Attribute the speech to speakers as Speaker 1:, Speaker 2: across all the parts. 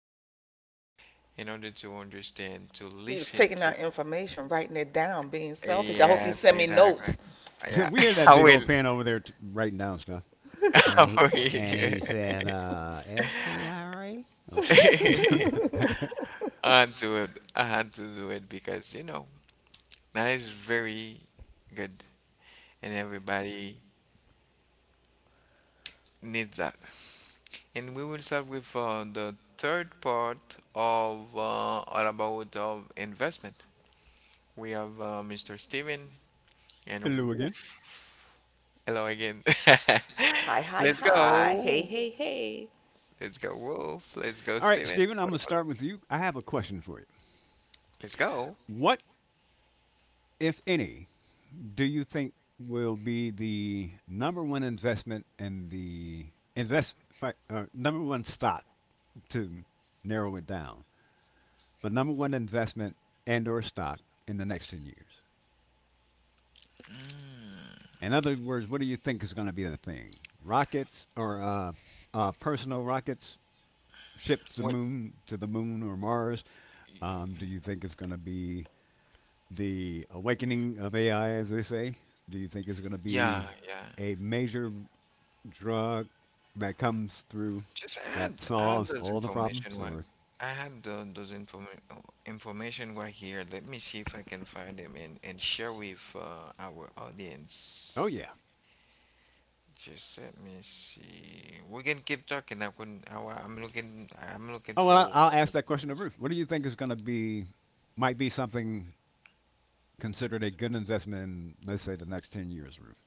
Speaker 1: silent in order to understand, to
Speaker 2: He was
Speaker 1: listen
Speaker 2: taking
Speaker 1: to.
Speaker 2: out information, writing it down, being selfish. I hope you
Speaker 1: Yes,
Speaker 2: send me
Speaker 1: exactly.
Speaker 2: notes.
Speaker 1: Yeah,
Speaker 3: We hear that
Speaker 1: I
Speaker 3: big
Speaker 1: will.
Speaker 3: old pen over there writing down stuff, and
Speaker 1: I
Speaker 3: he and
Speaker 1: will.
Speaker 3: he said SDRA. Okay.
Speaker 1: I had to, I had to do it because. That is very good, and everybody needs that. And we will start with the third part of all about of investment. We have Mr. Steven and
Speaker 3: Hello
Speaker 1: Wolf.
Speaker 3: again.
Speaker 1: Hello again.
Speaker 2: Hi, hi,
Speaker 1: Let's
Speaker 2: hi. Hey,
Speaker 1: go.
Speaker 2: hey, hey.
Speaker 1: Let's go, Wolf. Let's go,
Speaker 3: All right,
Speaker 1: Steven.
Speaker 3: Stephen. I'm
Speaker 1: What
Speaker 3: gonna
Speaker 1: about you?
Speaker 3: start with you. I have a question for you.
Speaker 1: Let's go.
Speaker 3: What, if any, do you think will be the number one investment and the number one stock to narrow it down, but number one investment and or stock in the next 10 years? In other words, what do you think is going to be the thing? Rockets or personal rockets, ships to
Speaker 1: What?
Speaker 3: moon to the moon or Mars? Do you think it's going to be the awakening of AI, as they say? Do you think it's going to be
Speaker 1: Yeah, yeah.
Speaker 3: a major drug that comes through
Speaker 1: Just
Speaker 3: that
Speaker 1: add
Speaker 3: solves
Speaker 1: those
Speaker 3: all the
Speaker 1: information.
Speaker 3: problems,
Speaker 1: Why
Speaker 3: or
Speaker 1: I have the information right here. Let me see if I can find them and share with our
Speaker 3: oh
Speaker 1: audience.
Speaker 3: yeah,
Speaker 1: Just let me see. We can keep talking. I couldn't. I'm looking. I'm looking
Speaker 3: oh well,
Speaker 1: for
Speaker 3: I'll ask that question of Ruth. What do you think is going to be might be something considered a good investment in, let's say, the next 10 years, Ruth?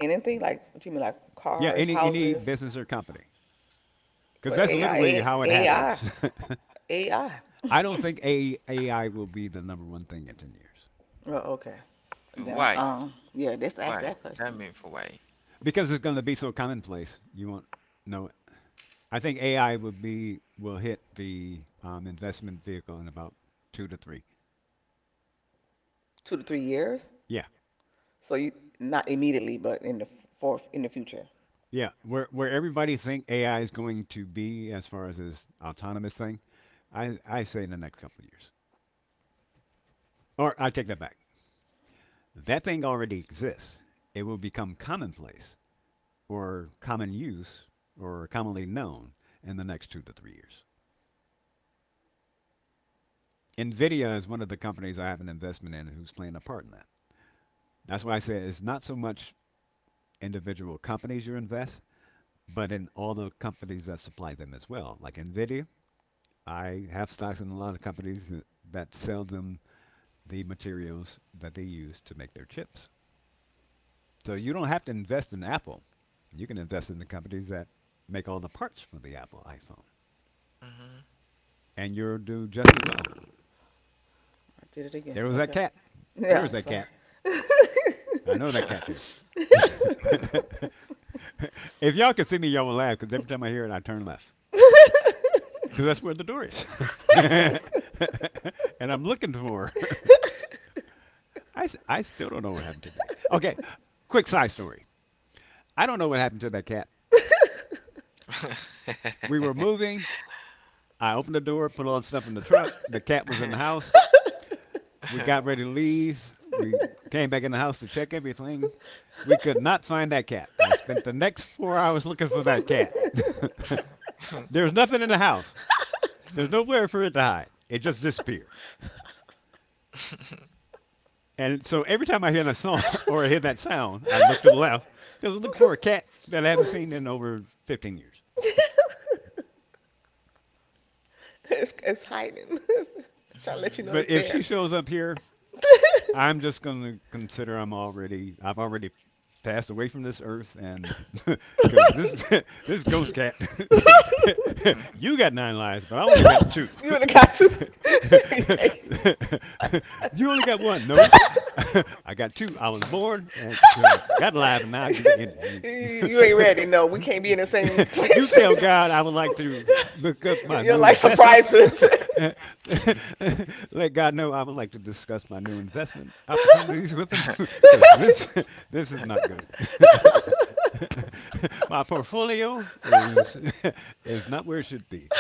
Speaker 2: Anything like, what do you mean, like
Speaker 3: Yeah,
Speaker 2: cars,
Speaker 3: any
Speaker 2: houses?
Speaker 3: business or company, because
Speaker 2: What
Speaker 3: that's literally
Speaker 2: AI?
Speaker 3: how it
Speaker 2: AI.
Speaker 3: happens.
Speaker 2: AI.
Speaker 3: I don't think a AI will be the number one thing in 10 years
Speaker 2: Oh, okay. Now,
Speaker 1: why.
Speaker 2: yeah, let's ask
Speaker 1: Why?
Speaker 2: that
Speaker 1: Tell
Speaker 2: question.
Speaker 1: me for why.
Speaker 3: because it's going to be so commonplace. You won't know it. I think AI will hit the investment vehicle in about two to three.
Speaker 2: 2 to 3 years.
Speaker 3: Yeah,
Speaker 2: So you not immediately, but in the fourth in the future.
Speaker 3: yeah. Where everybody think AI is going to be as far as this autonomous thing, I say in the next couple of years. Or I take that back. That thing already exists. It will become commonplace or common use or commonly known in the next 2 to 3 years. Nvidia is one of the companies I have an investment in who's playing a part in that. That's why I say it's not so much individual companies you invest, but in all the companies that supply them as well. Like Nvidia, I have stocks in a lot of companies that sell them the materials that they use to make their chips. So you don't have to invest in Apple. You can invest in the companies that make all the parts for the Apple iPhone,
Speaker 1: Mhm.
Speaker 3: and you'll do just as well.
Speaker 2: I did it
Speaker 3: There
Speaker 2: again.
Speaker 3: was that
Speaker 2: Okay.
Speaker 3: cat.
Speaker 2: Yeah,
Speaker 3: Where is
Speaker 2: I'm
Speaker 3: that cat? I know that cat's here. If y'all can see me, y'all will laugh because every time I hear it, I turn left because that's where the door is. And I'm looking for her. I still don't know what happened today. Okay,
Speaker 2: sorry.
Speaker 3: quick side story. I don't know what happened to that cat. We were moving. I opened the door, put all the stuff in the truck. The cat was in the house. We got ready to leave. We came back in the house to check everything. We could not find that cat. I spent the next 4 hours looking for that cat. There's nothing in the house. There's nowhere for it to hide. It just disappeared. And so every time I hear that song or I hear that sound, I look to the left because I'm looking for a cat that I haven't seen in over 15 years.
Speaker 2: It's hiding. It's trying to let you know it's
Speaker 3: But if she
Speaker 2: there.
Speaker 3: shows up here, I'm just going to consider I've already passed away from this earth, and because this this ghost cat, you got nine lives, but I only got two.
Speaker 2: you would have got you.
Speaker 3: You only got one. No, I got two. I was born and so I got alive, and now I get to end
Speaker 2: You ain't
Speaker 3: it.
Speaker 2: ready. No, we can't be in the same
Speaker 3: You, You
Speaker 2: place.
Speaker 3: tell God I would like to look up my
Speaker 2: you don't
Speaker 3: new
Speaker 2: like
Speaker 3: investment.
Speaker 2: surprises.
Speaker 3: Let God know I would like to discuss my new investment opportunities with him because this this is not good. My portfolio is is not where it should be.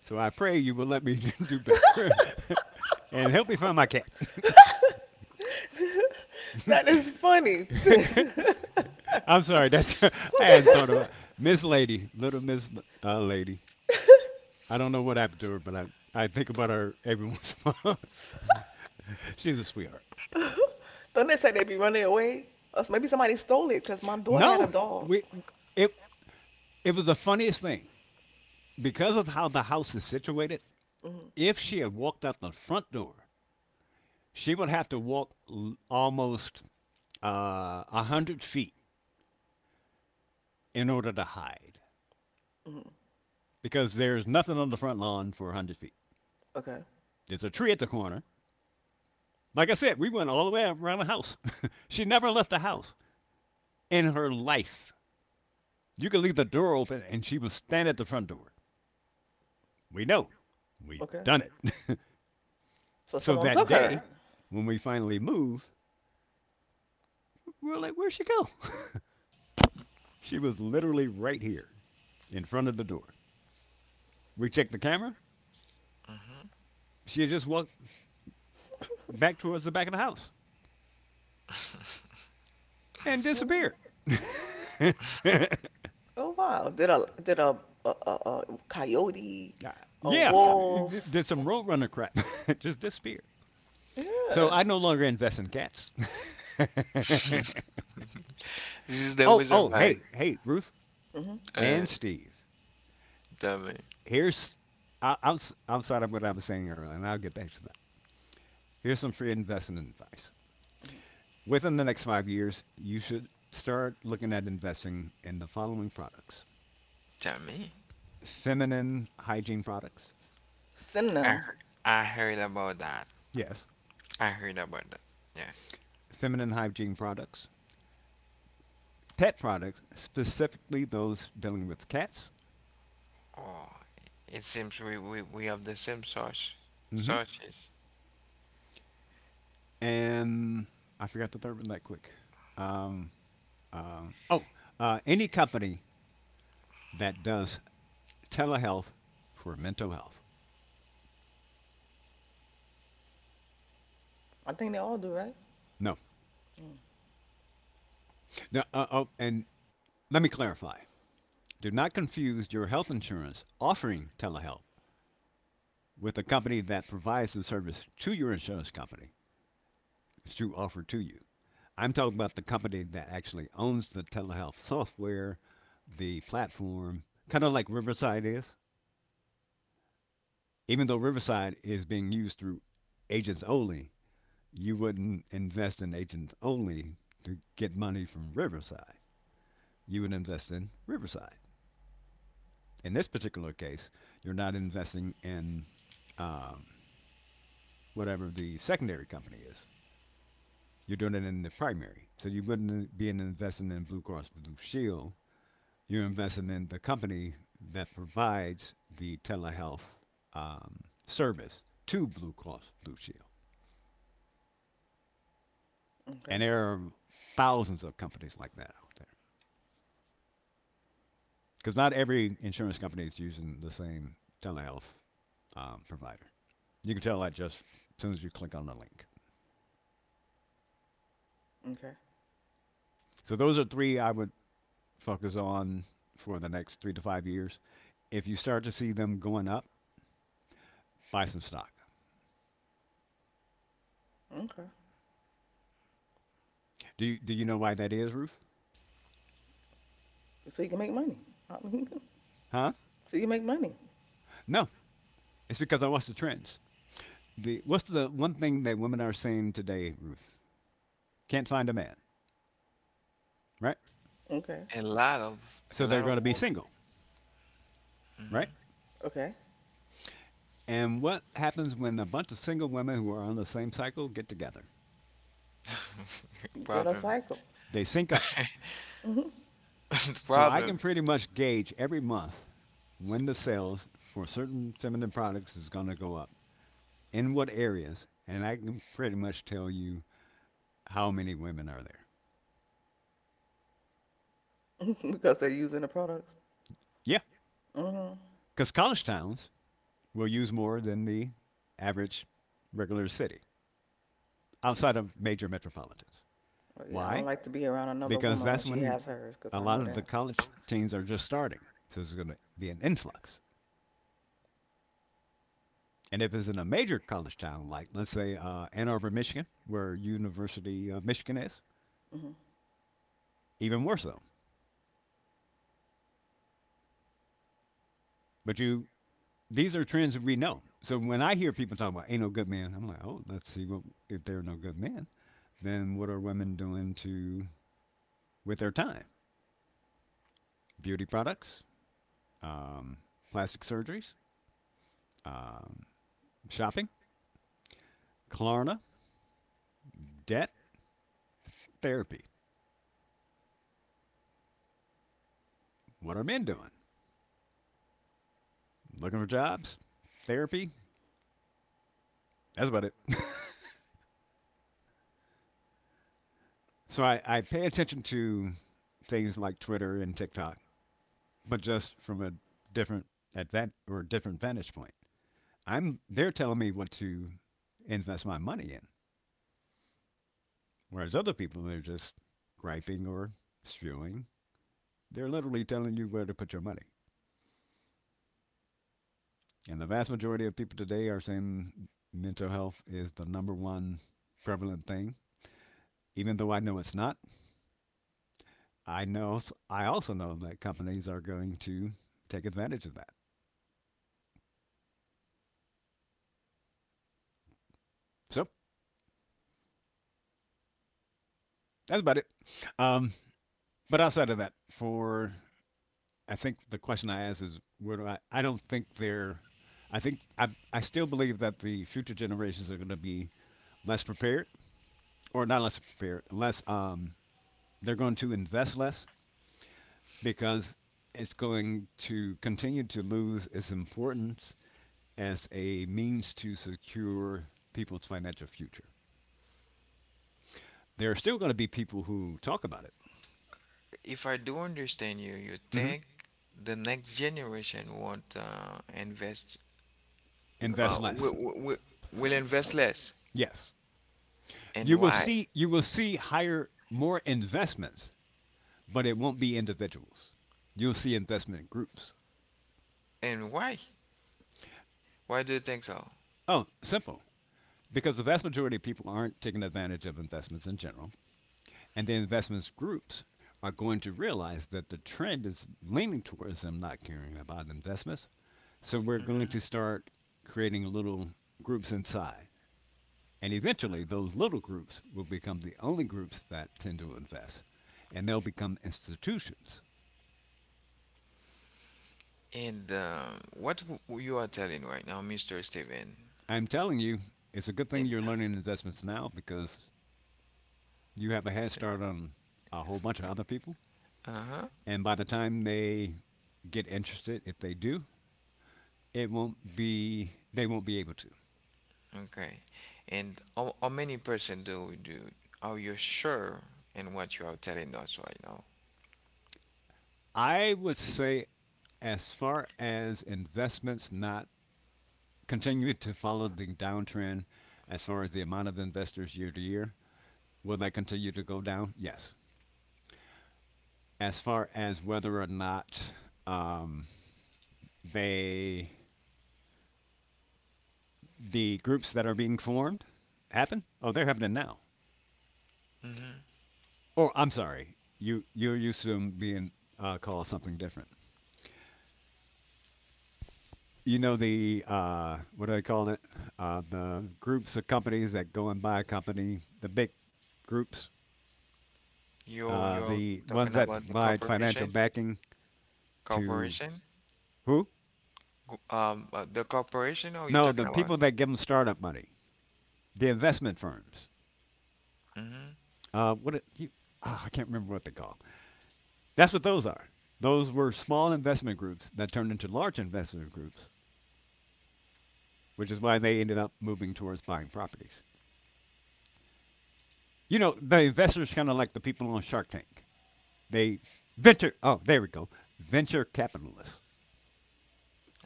Speaker 3: So I pray you will let me do better and help me find my cat.
Speaker 2: that is funny.
Speaker 3: I'm sorry, that's I hadn't thought about Miss Lady, little Miss Lady. I don't know what happened to her, but I think about her every once in a while. She's a sweetheart.
Speaker 2: Don't they say they be running away? Or maybe somebody stole it because my daughter had a
Speaker 3: No,
Speaker 2: dog.
Speaker 3: we it it was the funniest thing because of how the house is situated.
Speaker 2: Hmm
Speaker 3: If she had walked out the front door, she would have to walk almost 100 feet in order to hide
Speaker 2: hmm
Speaker 3: because there's nothing on the front lawn for 100 feet.
Speaker 2: Okay.
Speaker 3: There's a tree at the corner. Like I said, we went all the way around the house. She never left the house in her life. You could leave the door open and she would stand at the front door. We know. We've
Speaker 2: Okay.
Speaker 3: done it.
Speaker 2: So
Speaker 3: So
Speaker 2: someone
Speaker 3: that
Speaker 2: took
Speaker 3: day,
Speaker 2: her.
Speaker 3: when we finally move, we're like, where'd she go? She was literally right here in front of the door. We checked the camera. She had just walked back towards the back of the house and
Speaker 2: Mhm.
Speaker 3: disappeared.
Speaker 2: Oh wow! Did a a, a, a coyote, a
Speaker 3: Yeah,
Speaker 2: wolf?
Speaker 3: did some roadrunner crap. Just disappeared. So
Speaker 2: Yeah.
Speaker 3: I no longer invest in cats.
Speaker 1: This is the reason
Speaker 3: Oh,
Speaker 1: why.
Speaker 3: hey, Ruth
Speaker 2: Mhm.
Speaker 1: Uh,
Speaker 3: and Steve.
Speaker 1: tell me.
Speaker 3: Here's outside of what I was saying earlier, and I'll get back to that. Here's some free investment advice.
Speaker 2: mhm.
Speaker 3: Within the next 5 years, you should start looking at investing in the following products:
Speaker 1: Tell me.
Speaker 3: feminine hygiene products.
Speaker 2: Send
Speaker 1: I
Speaker 2: them.
Speaker 1: heard, I heard about that.
Speaker 3: Yes,
Speaker 1: I heard about that. Yeah.
Speaker 3: feminine hygiene products. Pet products, specifically those dealing with cats.
Speaker 1: Oh, it seems we have the same
Speaker 3: Hmm.
Speaker 1: sources.
Speaker 3: And I forgot the third one that quick. Um, um, oh, any company that does telehealth for mental health.
Speaker 2: I think they all do, right?
Speaker 3: No.
Speaker 2: Mm.
Speaker 3: No oh, and let me clarify. Do not confuse your health insurance offering telehealth with a company that provides the service to your insurance company to offer to you. I'm talking about the company that actually owns the telehealth software, the platform, kind of like Riverside is. Even though Riverside is being used through agents only, you wouldn't invest in agents only to get money from Riverside. You would invest in Riverside. In this particular case, you're not investing in um, whatever the secondary company is. You're doing it in the primary. So you wouldn't be investing in Blue Cross Blue Shield. You're investing in the company that provides the telehealth um, service to Blue Cross Blue Shield. And
Speaker 2: Okay.
Speaker 3: there are thousands of companies like that out there. Because not every insurance company is using the same telehealth provider. You can tell that just as soon as you click on the link.
Speaker 2: Okay.
Speaker 3: So those are three I would focus on for the next 3 to 5 years. If you start to see them going up, buy some stock.
Speaker 2: Okay.
Speaker 3: Do you know why that is, Ruth?
Speaker 2: So you can make money. I mean,
Speaker 3: Huh?
Speaker 2: so you can make money.
Speaker 3: No, it's because I watch the trends. The what's the one thing that women are saying today, Ruth? Can't find a man, right?
Speaker 2: Okay.
Speaker 1: A lot of
Speaker 3: So they're going to be
Speaker 1: women.
Speaker 3: single,
Speaker 1: Hmm.
Speaker 3: right?
Speaker 2: Okay.
Speaker 3: And what happens when a bunch of single women who are on the same cycle get together?
Speaker 2: You get a
Speaker 1: Problem.
Speaker 2: cycle.
Speaker 3: They sync up.
Speaker 2: Mhm.
Speaker 1: The
Speaker 3: So I can
Speaker 1: problem.
Speaker 3: pretty much gauge every month when the sales for certain feminine products is going to go up, in what areas, and I can pretty much tell you how many women are there.
Speaker 2: because they're using the products.
Speaker 3: Yeah,
Speaker 2: Mhm.
Speaker 3: because college towns will use more than the average regular city outside of major metropolitans.
Speaker 2: But yeah, I don't
Speaker 3: Why?
Speaker 2: like to be around another
Speaker 3: Because
Speaker 2: woman when
Speaker 3: that's
Speaker 2: she
Speaker 3: when
Speaker 2: has hers, cause I
Speaker 3: a
Speaker 2: know
Speaker 3: lot of
Speaker 2: that.
Speaker 3: the college teens are just starting. So there's going to be an influx. And if it's in a major college town, like let's say Ann Arbor, Michigan, where University of Michigan is,
Speaker 2: Mhm.
Speaker 3: even more so. But you, these are trends that we know. So when I hear people talking about ain't no good men, I'm like, oh, let's see what if there are no good men, then what are women doing to with their time? Beauty products, um, plastic surgeries, um, shopping, Klarna, debt, therapy. What are men doing? Looking for jobs, therapy. That's about it. So I pay attention to things like Twitter and TikTok, but just from a different advan or different vantage point. I'm They're telling me what to invest my money in, whereas other people they're just griping or spewing. They're literally telling you where to put your money. And the vast majority of people today are saying mental health is the number one prevalent thing. Even though I know it's not, I know I also know that companies are going to take advantage of that. So that's about it. Um, but outside of that, for I think the question I asked is where do I? I don't think they're. I think I still believe that the future generations are going to be less prepared, or not less prepared, less they're going to invest less because it's going to continue to lose its importance as a means to secure people's financial future. There are still going to be people who talk about it.
Speaker 1: If I do understand you, you
Speaker 3: Mhm.
Speaker 1: think the next generation won't invest. Uh,
Speaker 3: Invest
Speaker 1: will,
Speaker 3: less. w-
Speaker 1: will, will invest less.
Speaker 3: Yes.
Speaker 1: And
Speaker 3: You will
Speaker 1: why?
Speaker 3: see you will see higher more investments, but it won't be individuals. You'll see investment groups.
Speaker 1: And why? Why do you think so?
Speaker 3: Oh, simple. Because the vast majority of people aren't taking advantage of investments in general. And the investments groups are going to realize that the trend is leaning towards them not caring about investments. So we're going to start creating little groups inside. And eventually, those little groups will become the only groups that tend to invest, and they'll become institutions.
Speaker 1: And what you are telling right now, Mr. Steven?
Speaker 3: I'm telling you, it's a good thing
Speaker 1: And,
Speaker 3: you're learning investments now because you have a head start on a whole bunch of other people.
Speaker 1: uh-huh.
Speaker 3: And by the time they get interested, if they do, it won't be, they won't be able to.
Speaker 1: Okay. And how many percent do we do? Are you sure in what you are telling us right now?
Speaker 3: I would say, as far as investments not continue to follow the downtrend, as far as the amount of investors year to year, will that continue to go down? Yes. As far as whether or not um, they, the groups that are being formed, happen? Oh, they're happening now.
Speaker 1: Mm-hmm.
Speaker 3: Or I'm sorry, you're used to them being called something different. You know the what do they call it? The groups of companies that go and buy a company, the big groups,
Speaker 1: You you're
Speaker 3: the ones
Speaker 1: talking
Speaker 3: that
Speaker 1: about the
Speaker 3: provide financial
Speaker 1: corporation?
Speaker 3: backing to
Speaker 1: Corporation?
Speaker 3: who?
Speaker 1: The corporation? Are you
Speaker 3: No,
Speaker 1: talking
Speaker 3: the
Speaker 1: about?
Speaker 3: people that give them startup money, the investment firms.
Speaker 1: Mm-hmm.
Speaker 3: What it, you, ah, I can't remember what they call. That's what those are. Those were small investment groups that turned into large investment groups, which is why they ended up moving towards buying properties. You know, the investors kind of like the people on Shark Tank. They venture. Oh, there we go. Venture capitalists.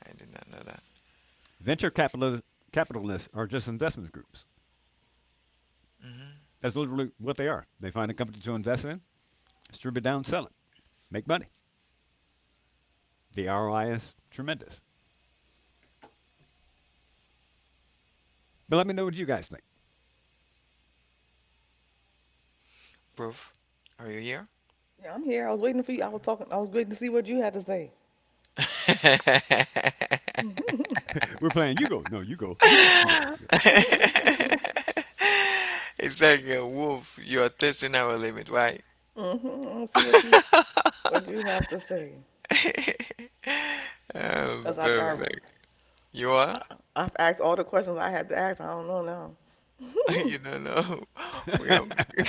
Speaker 1: I did not know that.
Speaker 3: Venture capitalists are just investment groups.
Speaker 1: Mm-hmm.
Speaker 3: That's literally what they are. They find a company to invest in, strip it down, sell it, make money. The ROI is tremendous. But let me know what you guys think.
Speaker 1: Proof. Are you here?
Speaker 2: Yeah, I'm here. I was waiting for you. I was talking. I was waiting to see what you had to say. Mhm.
Speaker 3: We're playing you go. No, you go. You go. You go. You
Speaker 1: It's like a wolf. You're testing our limit, right?
Speaker 2: Mhm. See what you have to say, cause
Speaker 1: Perfect. You are?
Speaker 2: I, I've asked all the questions I had to ask. I don't know now.
Speaker 1: You don't know. We
Speaker 3: go.
Speaker 1: are.
Speaker 2: Mm.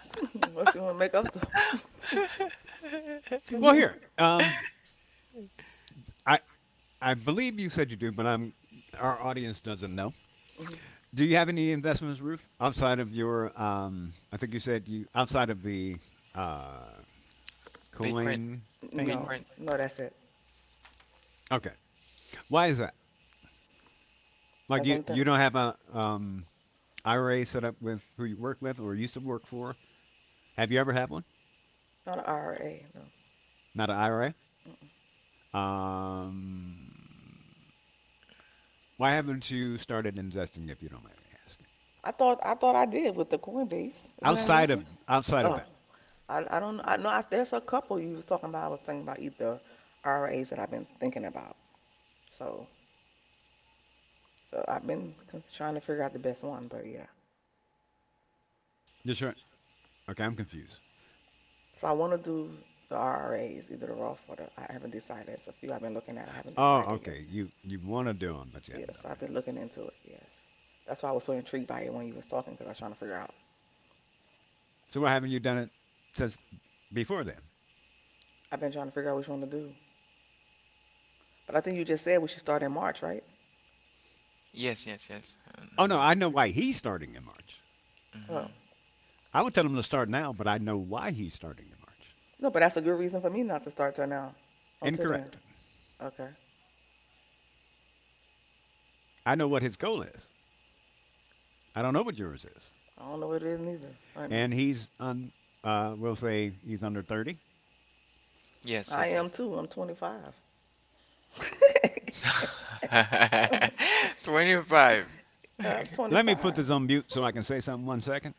Speaker 2: Unless you want to make up stuff.
Speaker 3: Well,
Speaker 2: Mm.
Speaker 3: here. I I believe you said you do, but I'm our audience doesn't know. Do you have any investments, Ruth, outside of your? I think you said you outside of the uh, Kool
Speaker 1: Bitcoin.
Speaker 3: Aid thing?
Speaker 2: no,
Speaker 1: Bitcoin.
Speaker 2: no, that's it.
Speaker 3: Okay. Why is that? Like
Speaker 2: That's the
Speaker 3: you
Speaker 2: only
Speaker 3: you
Speaker 2: thing.
Speaker 3: don't have a IRA set up with who you work with or used to work for? Have you ever had one?
Speaker 2: Not an IRA. No.
Speaker 3: Not an
Speaker 2: Mm-mm.
Speaker 3: IRA? Um, why haven't you started investing if you don't mind me asking?
Speaker 2: I thought I did with the Coinbase. Is it an
Speaker 3: Outside of
Speaker 2: investment?
Speaker 3: outside of
Speaker 2: Oh,
Speaker 3: that,
Speaker 2: I don't I know. There's a couple you was talking about. I was thinking about either IRAs that I've been thinking about. So so I've been trying to figure out the best one. But yeah,
Speaker 3: you're sure? Okay, I'm confused.
Speaker 2: so I want to do the IRAs, either the Roth or the. I haven't decided. It's a few I've been looking at. I haven't
Speaker 3: Oh,
Speaker 2: decided
Speaker 3: okay. You want to do them, but you haven't
Speaker 2: Yes,
Speaker 3: done them
Speaker 2: I've been
Speaker 3: yet.
Speaker 2: looking into it. Yes, that's why I was so intrigued by it when you was talking because I was trying to figure out.
Speaker 3: So why haven't you done it since before then?
Speaker 2: I've been trying to figure out which one to do. But I think you just said we should start in March, right?
Speaker 1: Yes, yes, yes.
Speaker 3: Oh no, I
Speaker 1: Emoji.
Speaker 3: know why he's starting in March.
Speaker 1: Hmm.
Speaker 2: Well,
Speaker 3: I would tell him to start now, but I know why he's starting in March.
Speaker 2: no, but that's a good reason for me not to start till now. Until then,
Speaker 3: Incorrect.
Speaker 2: okay.
Speaker 3: I know what his goal is. I don't know what yours is.
Speaker 2: I don't know what it is neither right now.
Speaker 3: And he's on. We'll say he's under 30.
Speaker 1: Yes,
Speaker 2: I
Speaker 1: yes,
Speaker 2: am
Speaker 1: yes.
Speaker 2: too. I'm 25.
Speaker 1: 25.
Speaker 2: I'm
Speaker 3: Let me put
Speaker 2: 25.
Speaker 3: this on mute so I can say something. 1 second,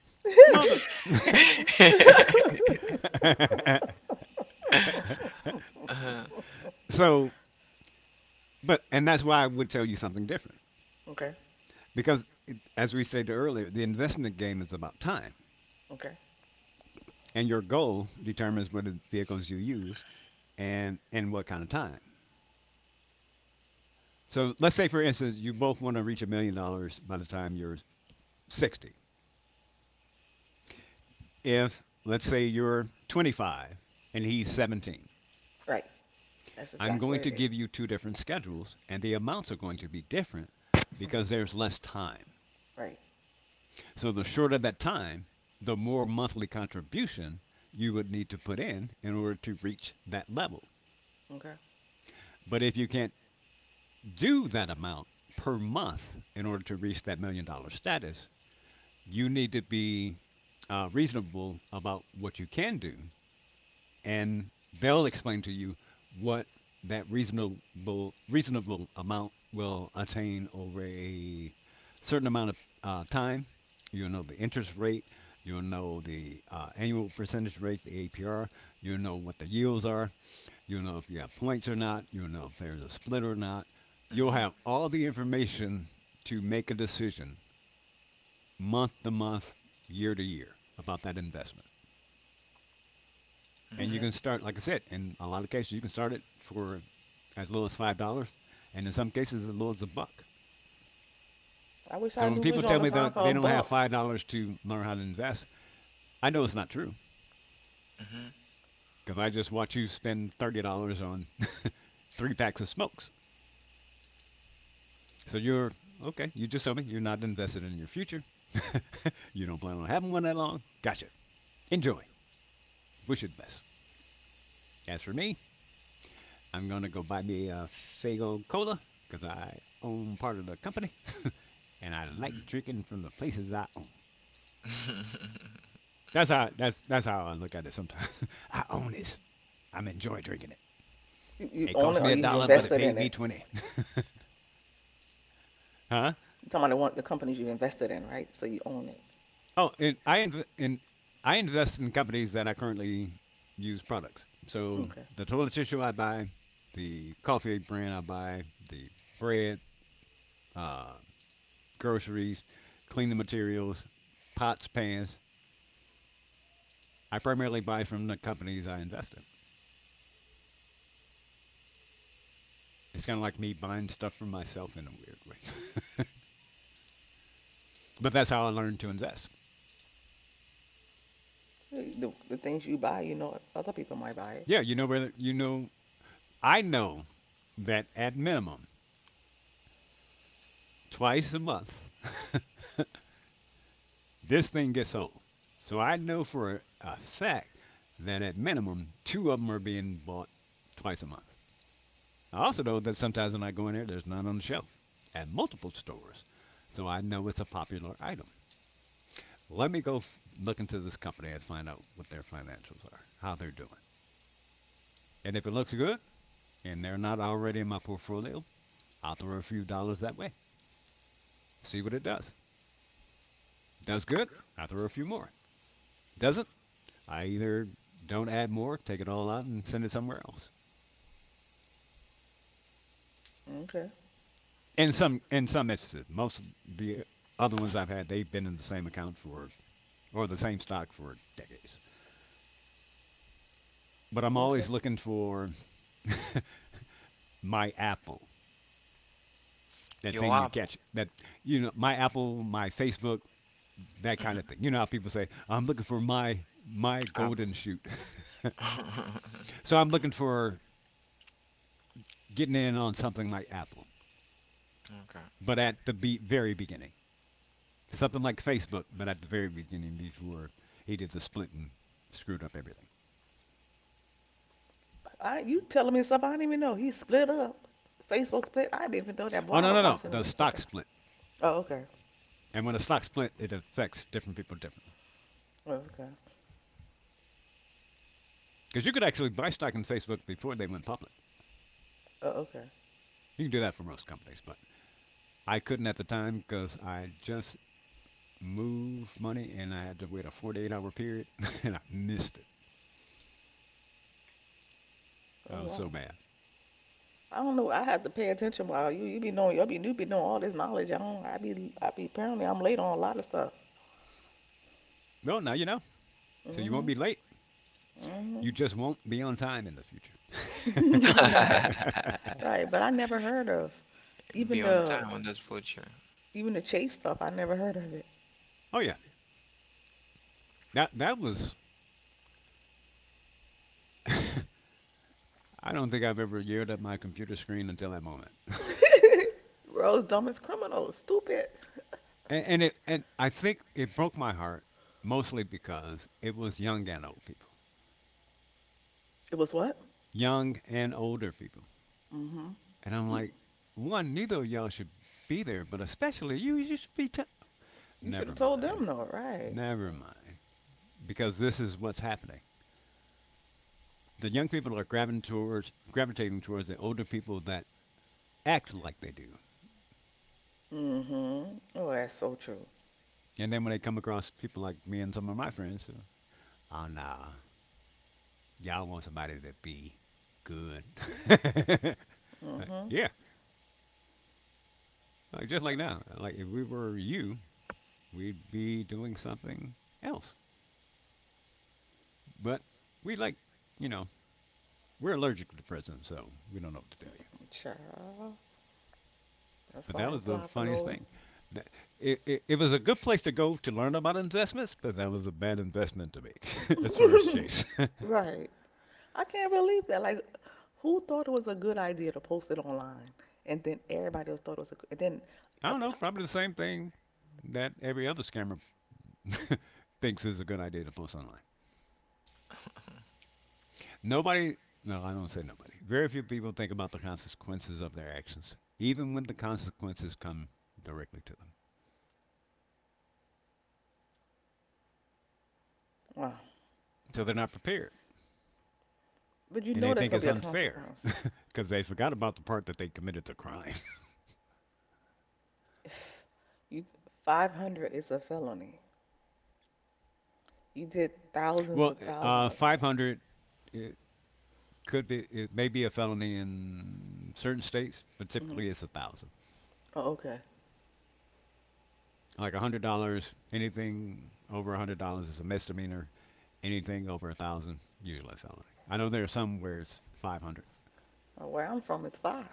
Speaker 3: mother.
Speaker 1: Uh-huh.
Speaker 3: So, but and that's why I would tell you something different
Speaker 2: Okay.
Speaker 3: because, as we stated earlier, the investment game is about time,
Speaker 2: Okay.
Speaker 3: and your goal determines what vehicles you use and in what kind of time. So let's say, for instance, you both want to reach $1 million by the time you're 60. If, let's say, you're 25 and he's 17,
Speaker 2: Right. That's
Speaker 3: I'm
Speaker 2: exactly
Speaker 3: going to
Speaker 2: what it
Speaker 3: give
Speaker 2: is.
Speaker 3: you two different schedules, and the amounts are going to be different
Speaker 2: Mhm.
Speaker 3: because there's less time.
Speaker 2: Right.
Speaker 3: So the shorter that time, the more monthly contribution you would need to put in order to reach that level.
Speaker 2: Okay.
Speaker 3: But if you can't do that amount per month in order to reach that $1 million status, you need to be reasonable about what you can do, and they'll explain to you what that reasonable amount will attain over a certain amount of time. You'll know the interest rate. You'll know the annual percentage rates, the APR. You'll know what the yields are. You'll know if you have points or not. You'll know if there's a split or not. You'll
Speaker 1: Hmm.
Speaker 3: have all the information to make a decision month to month, year to year about that investment. And you
Speaker 1: Hmm.
Speaker 2: Okay.
Speaker 3: can start, like I said, in a lot of cases, you can start it for as little as $5, and in some cases, as little as $1.
Speaker 2: I wish I
Speaker 3: So when
Speaker 2: knew which
Speaker 3: people
Speaker 2: one
Speaker 3: tell
Speaker 2: to
Speaker 3: me
Speaker 2: sign
Speaker 3: that
Speaker 2: for a
Speaker 3: they don't have
Speaker 2: buck.
Speaker 3: $5 to learn how to invest, I know it's not true
Speaker 1: Hmm.
Speaker 3: because I just watch you spend $30 on three packs of smokes. So you're okay. You just told me you're not invested in your future. You don't plan on having one that long. Gotcha. Enjoy. Wish you the best. As for me, I'm gonna go buy me a Fago Cola because I own part of the company, and I like
Speaker 1: Hmm.
Speaker 3: drinking from the places I own. That's how I look at it sometimes. I own this. I'm enjoy drinking it.
Speaker 2: You
Speaker 3: It
Speaker 2: own
Speaker 3: cost
Speaker 2: it or
Speaker 3: me a
Speaker 2: you've
Speaker 3: dollar, but it
Speaker 2: invested
Speaker 3: paid
Speaker 2: in
Speaker 3: me
Speaker 2: it.
Speaker 3: 20. huh?
Speaker 2: You're talking about the one, the companies you invested in, right? So you own it.
Speaker 3: Oh, and I invest in companies that I currently use products. So
Speaker 2: Okay.
Speaker 3: the toilet tissue I buy, the coffee brand I buy, the bread, uh, groceries, cleaning materials, pots, pans. I primarily buy from the companies I invest in. It's kind of like me buying stuff for myself in a weird way. But that's how I learned to invest.
Speaker 2: The things you buy, other people might buy it.
Speaker 3: Yeah, whether I know that at minimum twice a month this thing gets sold. So I know for a fact that at minimum two of them are being bought twice a month. I also know that sometimes when I go in there, there's none on the shelf at multiple stores. So I know it's a popular item. Let me go look into this company and find out what their financials are, how they're doing. And if it looks good and they're not already in my portfolio, I'll throw a few dollars that way, see what it does. Does good, I throw a few more. Doesn't, I either don't add more, take it all out, and send it somewhere else.
Speaker 2: Okay.
Speaker 3: In some instances, most of the other ones I've had, they've been in the same account for or the same stock for decades. But I'm
Speaker 2: Okay.
Speaker 3: always looking for my Apple, that
Speaker 1: Your
Speaker 3: thing you
Speaker 1: Apple.
Speaker 3: catch, that my Apple, my Facebook, that kind of thing. You know how people say I'm looking for my
Speaker 1: Apple.
Speaker 3: golden shoot. So I'm looking for getting in on something like Apple,
Speaker 1: Okay.
Speaker 3: but at the very beginning, something like Facebook, but at the very beginning before he did the split and screwed up everything.
Speaker 2: You telling me stuff I didn't even know. He split up. Facebook split. I didn't even know that. Boy,
Speaker 3: Oh,
Speaker 2: I
Speaker 3: no,
Speaker 2: don't
Speaker 3: no, no,
Speaker 2: watch the
Speaker 3: the
Speaker 2: news.
Speaker 3: stock
Speaker 2: Okay.
Speaker 3: split.
Speaker 2: Oh, okay.
Speaker 3: And when a stock split, it affects different people differently.
Speaker 2: Oh, okay.
Speaker 3: Because you could actually buy stock in Facebook before they went public.
Speaker 2: Oh, okay.
Speaker 3: You can do that for most companies, but I couldn't at the time because I just move money, and I had to wait a 48-hour period, and I missed it. I
Speaker 2: Oh,
Speaker 3: was so
Speaker 2: wow.
Speaker 3: mad.
Speaker 2: I don't know. I had to pay attention. While you be knowing, you be knowing all this knowledge. I don't. I be. Apparently, I'm late on a lot of stuff.
Speaker 3: Well, now you know. So you won't
Speaker 2: Mhm.
Speaker 3: be late. You
Speaker 2: Mhm.
Speaker 3: just won't be on time in the future.
Speaker 2: right. Right. But I never heard of
Speaker 1: Be
Speaker 2: even
Speaker 1: on
Speaker 2: the
Speaker 1: time on that future.
Speaker 2: Even the Chase stuff, I never heard of it.
Speaker 3: Oh, yeah, that was. I don't think I've ever yelled at my computer screen until that moment.
Speaker 2: World's dumbest criminals, stupid.
Speaker 3: And I think it broke my heart mostly because it was young and old people,
Speaker 2: It was what?
Speaker 3: young and older people,
Speaker 2: Mm-hmm.
Speaker 3: and I'm
Speaker 2: You
Speaker 3: like, one, neither of y'all should be there, but especially you should be.
Speaker 2: You should have
Speaker 3: Never
Speaker 2: told them
Speaker 3: mind.
Speaker 2: though, right?
Speaker 3: Never mind, because this is what's happening. The young people are grabbing towards, gravitating towards the older people that act like they do.
Speaker 2: Mm-hmm. Oh, that's so true.
Speaker 3: And then when they come across people like me and some of my friends, oh nah, y'all want somebody to be good. Uh,
Speaker 2: Mm-hmm.
Speaker 3: yeah, like just like now. Like if we were you, we'd be doing something else. But we like, you know, we're allergic to the president, so we don't know what to tell you.
Speaker 2: Child. That's
Speaker 3: But
Speaker 2: why I
Speaker 3: that
Speaker 2: ain't
Speaker 3: was
Speaker 2: apply
Speaker 3: the
Speaker 2: for
Speaker 3: funniest
Speaker 2: no.
Speaker 3: thing. It was a good place to go to learn about investments, but that was a bad investment to make as far as Chase. I
Speaker 2: Right. I can't believe that. Like, who thought it was a good idea to post it online? And then everybody else thought it was a good, and then a
Speaker 3: don't know,
Speaker 2: pop.
Speaker 3: probably the same thing that every other scammer thinks is a good idea to post online. Nobody, no, I don't say nobody. Very few people think about the consequences of their actions, even when the consequences come directly to them.
Speaker 2: Wow.
Speaker 3: So they're not prepared.
Speaker 2: But you
Speaker 3: And
Speaker 2: know
Speaker 3: they
Speaker 2: there's
Speaker 3: think
Speaker 2: gonna be
Speaker 3: it's
Speaker 2: a
Speaker 3: unfair
Speaker 2: consequence.
Speaker 3: because they forgot about the part that they committed the crime.
Speaker 2: You, 500 is a felony. You did
Speaker 3: Well,
Speaker 2: thousands of dollars.
Speaker 3: 500 could be, it may be a felony in certain states, but
Speaker 2: Mm.
Speaker 3: typically it's 1,000.
Speaker 2: Oh, okay.
Speaker 3: Like $100, anything over $100 is a misdemeanor. Anything over 1,000, usually a felony. I know there are some where it's 500,
Speaker 2: Oh, where I'm from, it's five.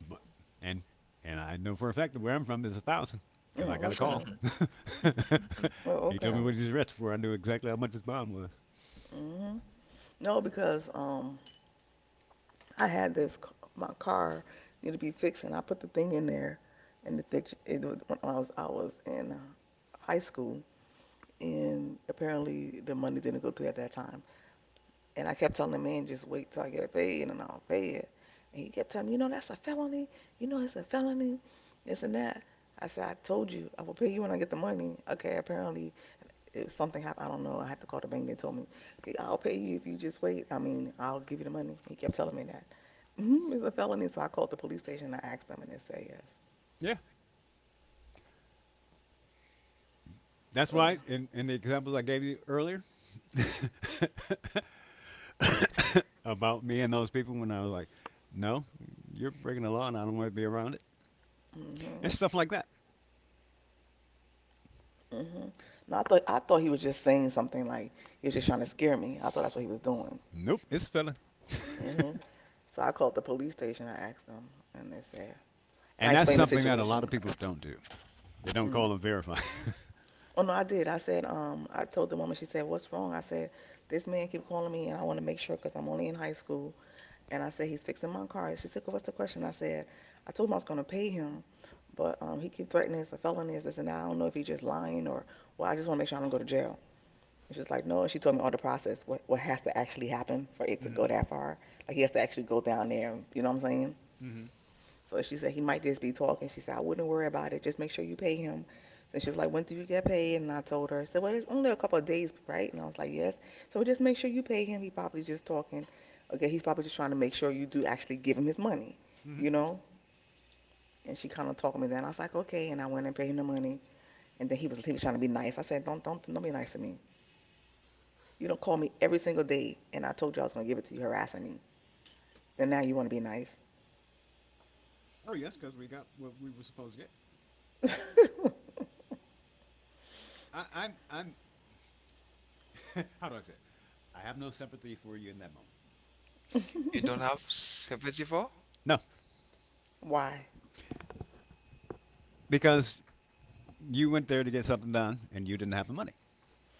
Speaker 3: but and and I know for a fact that where I'm from is 1,000 because
Speaker 2: Mm,
Speaker 3: I got a
Speaker 2: okay.
Speaker 3: call.
Speaker 2: Mm, Oh,
Speaker 3: He told
Speaker 2: okay.
Speaker 3: me what he's arrested for. I knew exactly how much his bond was.
Speaker 2: hmm No, because I had my car needed to be fixed, and I put the thing in there, and the thing it was when I was in high school, and apparently the money didn't go through at that time, and I kept telling the man, just wait till I get paid and I'll pay it. And he kept telling me, that's a felony. It's a felony. This and that. I said, I told you, I will pay you when I get the money. Okay, apparently it something happened. I don't know. I had to call the bank. They told me, "Okay, I'll pay you if you just wait. I mean, I'll give you the money. He kept telling me that. Mm-hmm, it's a felony. So I called the police station. I asked them and they said yes.
Speaker 3: Yeah, that's
Speaker 2: Ugh.
Speaker 3: right. In the examples I gave you earlier,
Speaker 2: Mm,
Speaker 3: about me and those people when I was like, no, you're breaking the law and I don't want to be around it.
Speaker 2: Mm-hmm.
Speaker 3: And stuff like that.
Speaker 2: Mm-hmm. No, I thought he was just saying something like he was just trying to scare me. I thought that's what he was doing.
Speaker 3: Nope, it's a felony.
Speaker 2: Hmm So I called the police station. I asked them, and they said, and I
Speaker 3: And that's
Speaker 2: explained the
Speaker 3: something that a lot
Speaker 2: situation.
Speaker 3: of people don't do. They don't
Speaker 2: Mm.
Speaker 3: call them verify.
Speaker 2: Oh no, I did. I said, I told the woman. She said, "What's wrong?" I said, "This man keep calling me, and I want to make sure because I'm only in high school." And I said, "He's fixing my car." She said, well, "What's the question?" I said, "I told him I was going to pay him, but he keep threatening it's a felony, it's this and that. I don't know if he's just lying or well. I just want to make sure I don't go to jail." And she's like, "No." And she told me all the process, what has to actually happen for it to go
Speaker 3: Mm-hmm,
Speaker 2: that far. Like he has to actually go down there. You know what I'm saying?
Speaker 3: mm-hmm,
Speaker 2: So she said he might just be talking. She said I wouldn't worry about it. Just make sure you pay him. So she was like, when do you get paid? And I told her. I said, well, it's only a couple of days, right? And I was like, yes. So just make sure you pay him. He probably just talking. Okay, he's probably just trying to make sure you do actually give him his money,
Speaker 3: mm-hmm.
Speaker 2: you know. And she kind of talked me down. I was like, okay. And I went and paid him the money. And then he was trying to be nice. I said, don't be nice to me. You don't call me every single day, and I told you I was gonna give it to you, harassing me. Then now you want to be nice.
Speaker 3: Oh, yes, because we got what we were supposed to get. I'm how do I say it? I have no sympathy for you in that moment.
Speaker 1: You don't have 74?
Speaker 3: No,
Speaker 2: Why?
Speaker 3: because you went there to get something done and you didn't have the money.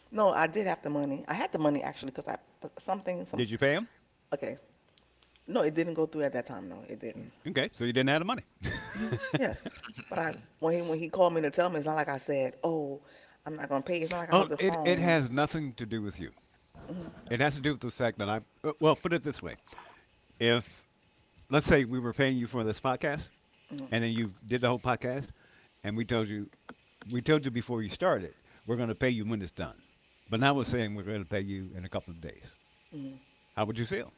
Speaker 2: No, I did have the money. I had the money actually because I but something some
Speaker 3: Did you pay him?
Speaker 2: okay. No, it didn't go through at that time. No, it didn't.
Speaker 3: Okay, so you didn't have the money.
Speaker 2: Hmm Yeah, but I when he called me to tell me, it's not like I said, oh, I'm not gonna pay. It's not like I hung
Speaker 3: Oh,
Speaker 2: the
Speaker 3: it
Speaker 2: phone.
Speaker 3: has nothing to do with you.
Speaker 2: Hmm
Speaker 3: It has to do with the fact that well, put it this way. If, let's say we were paying you for this podcast
Speaker 2: hmm
Speaker 3: and then you did the whole podcast and we told you, before you started, we're going to pay you when it's done. But now we're
Speaker 2: hmm
Speaker 3: saying we're going to pay you in a couple of days.
Speaker 2: hmm
Speaker 3: How would you feel?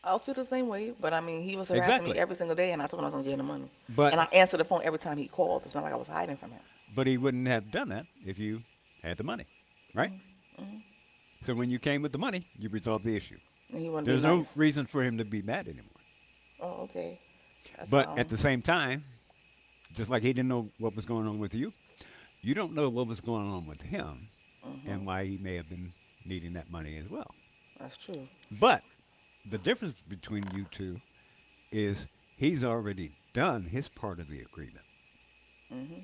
Speaker 2: I'll feel the same way, but I mean, he was harassing me
Speaker 3: Exactly.
Speaker 2: every single day, and I told him I was gonna get him the money, and
Speaker 3: But,
Speaker 2: I answered the phone every time he called. It's not like I was hiding from him.
Speaker 3: but he wouldn't have done that if you had the money, right?
Speaker 2: Hmm hmm
Speaker 3: So when you came with the money, you resolved the issue.
Speaker 2: And he wanted to be
Speaker 3: There's
Speaker 2: nice.
Speaker 3: no reason for him to be mad anymore.
Speaker 2: Oh, okay, that's
Speaker 3: But
Speaker 2: fine.
Speaker 3: at the same time, just like he didn't know what was going on with you, you don't know what was going on with him
Speaker 2: Hmm
Speaker 3: and why he may have been needing that money as well.
Speaker 2: That's true.
Speaker 3: But the difference between you two is he's already done his part of the agreement,
Speaker 2: Hmm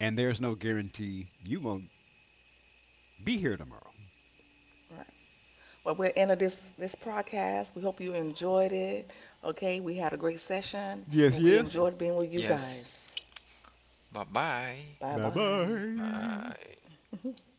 Speaker 3: and there's no guarantee you won't be here tomorrow.
Speaker 2: Well, we're end of this podcast. We hope you enjoyed it. Okay, we
Speaker 3: Okay,
Speaker 2: had a
Speaker 3: we had a
Speaker 2: great
Speaker 3: great session.
Speaker 2: session,
Speaker 3: Yes,
Speaker 2: and we
Speaker 3: yes.
Speaker 2: enjoyed being with you guys.
Speaker 1: Yes. Bye-bye.
Speaker 2: Bye
Speaker 3: Bye
Speaker 2: bye.
Speaker 3: bye.
Speaker 1: Bye.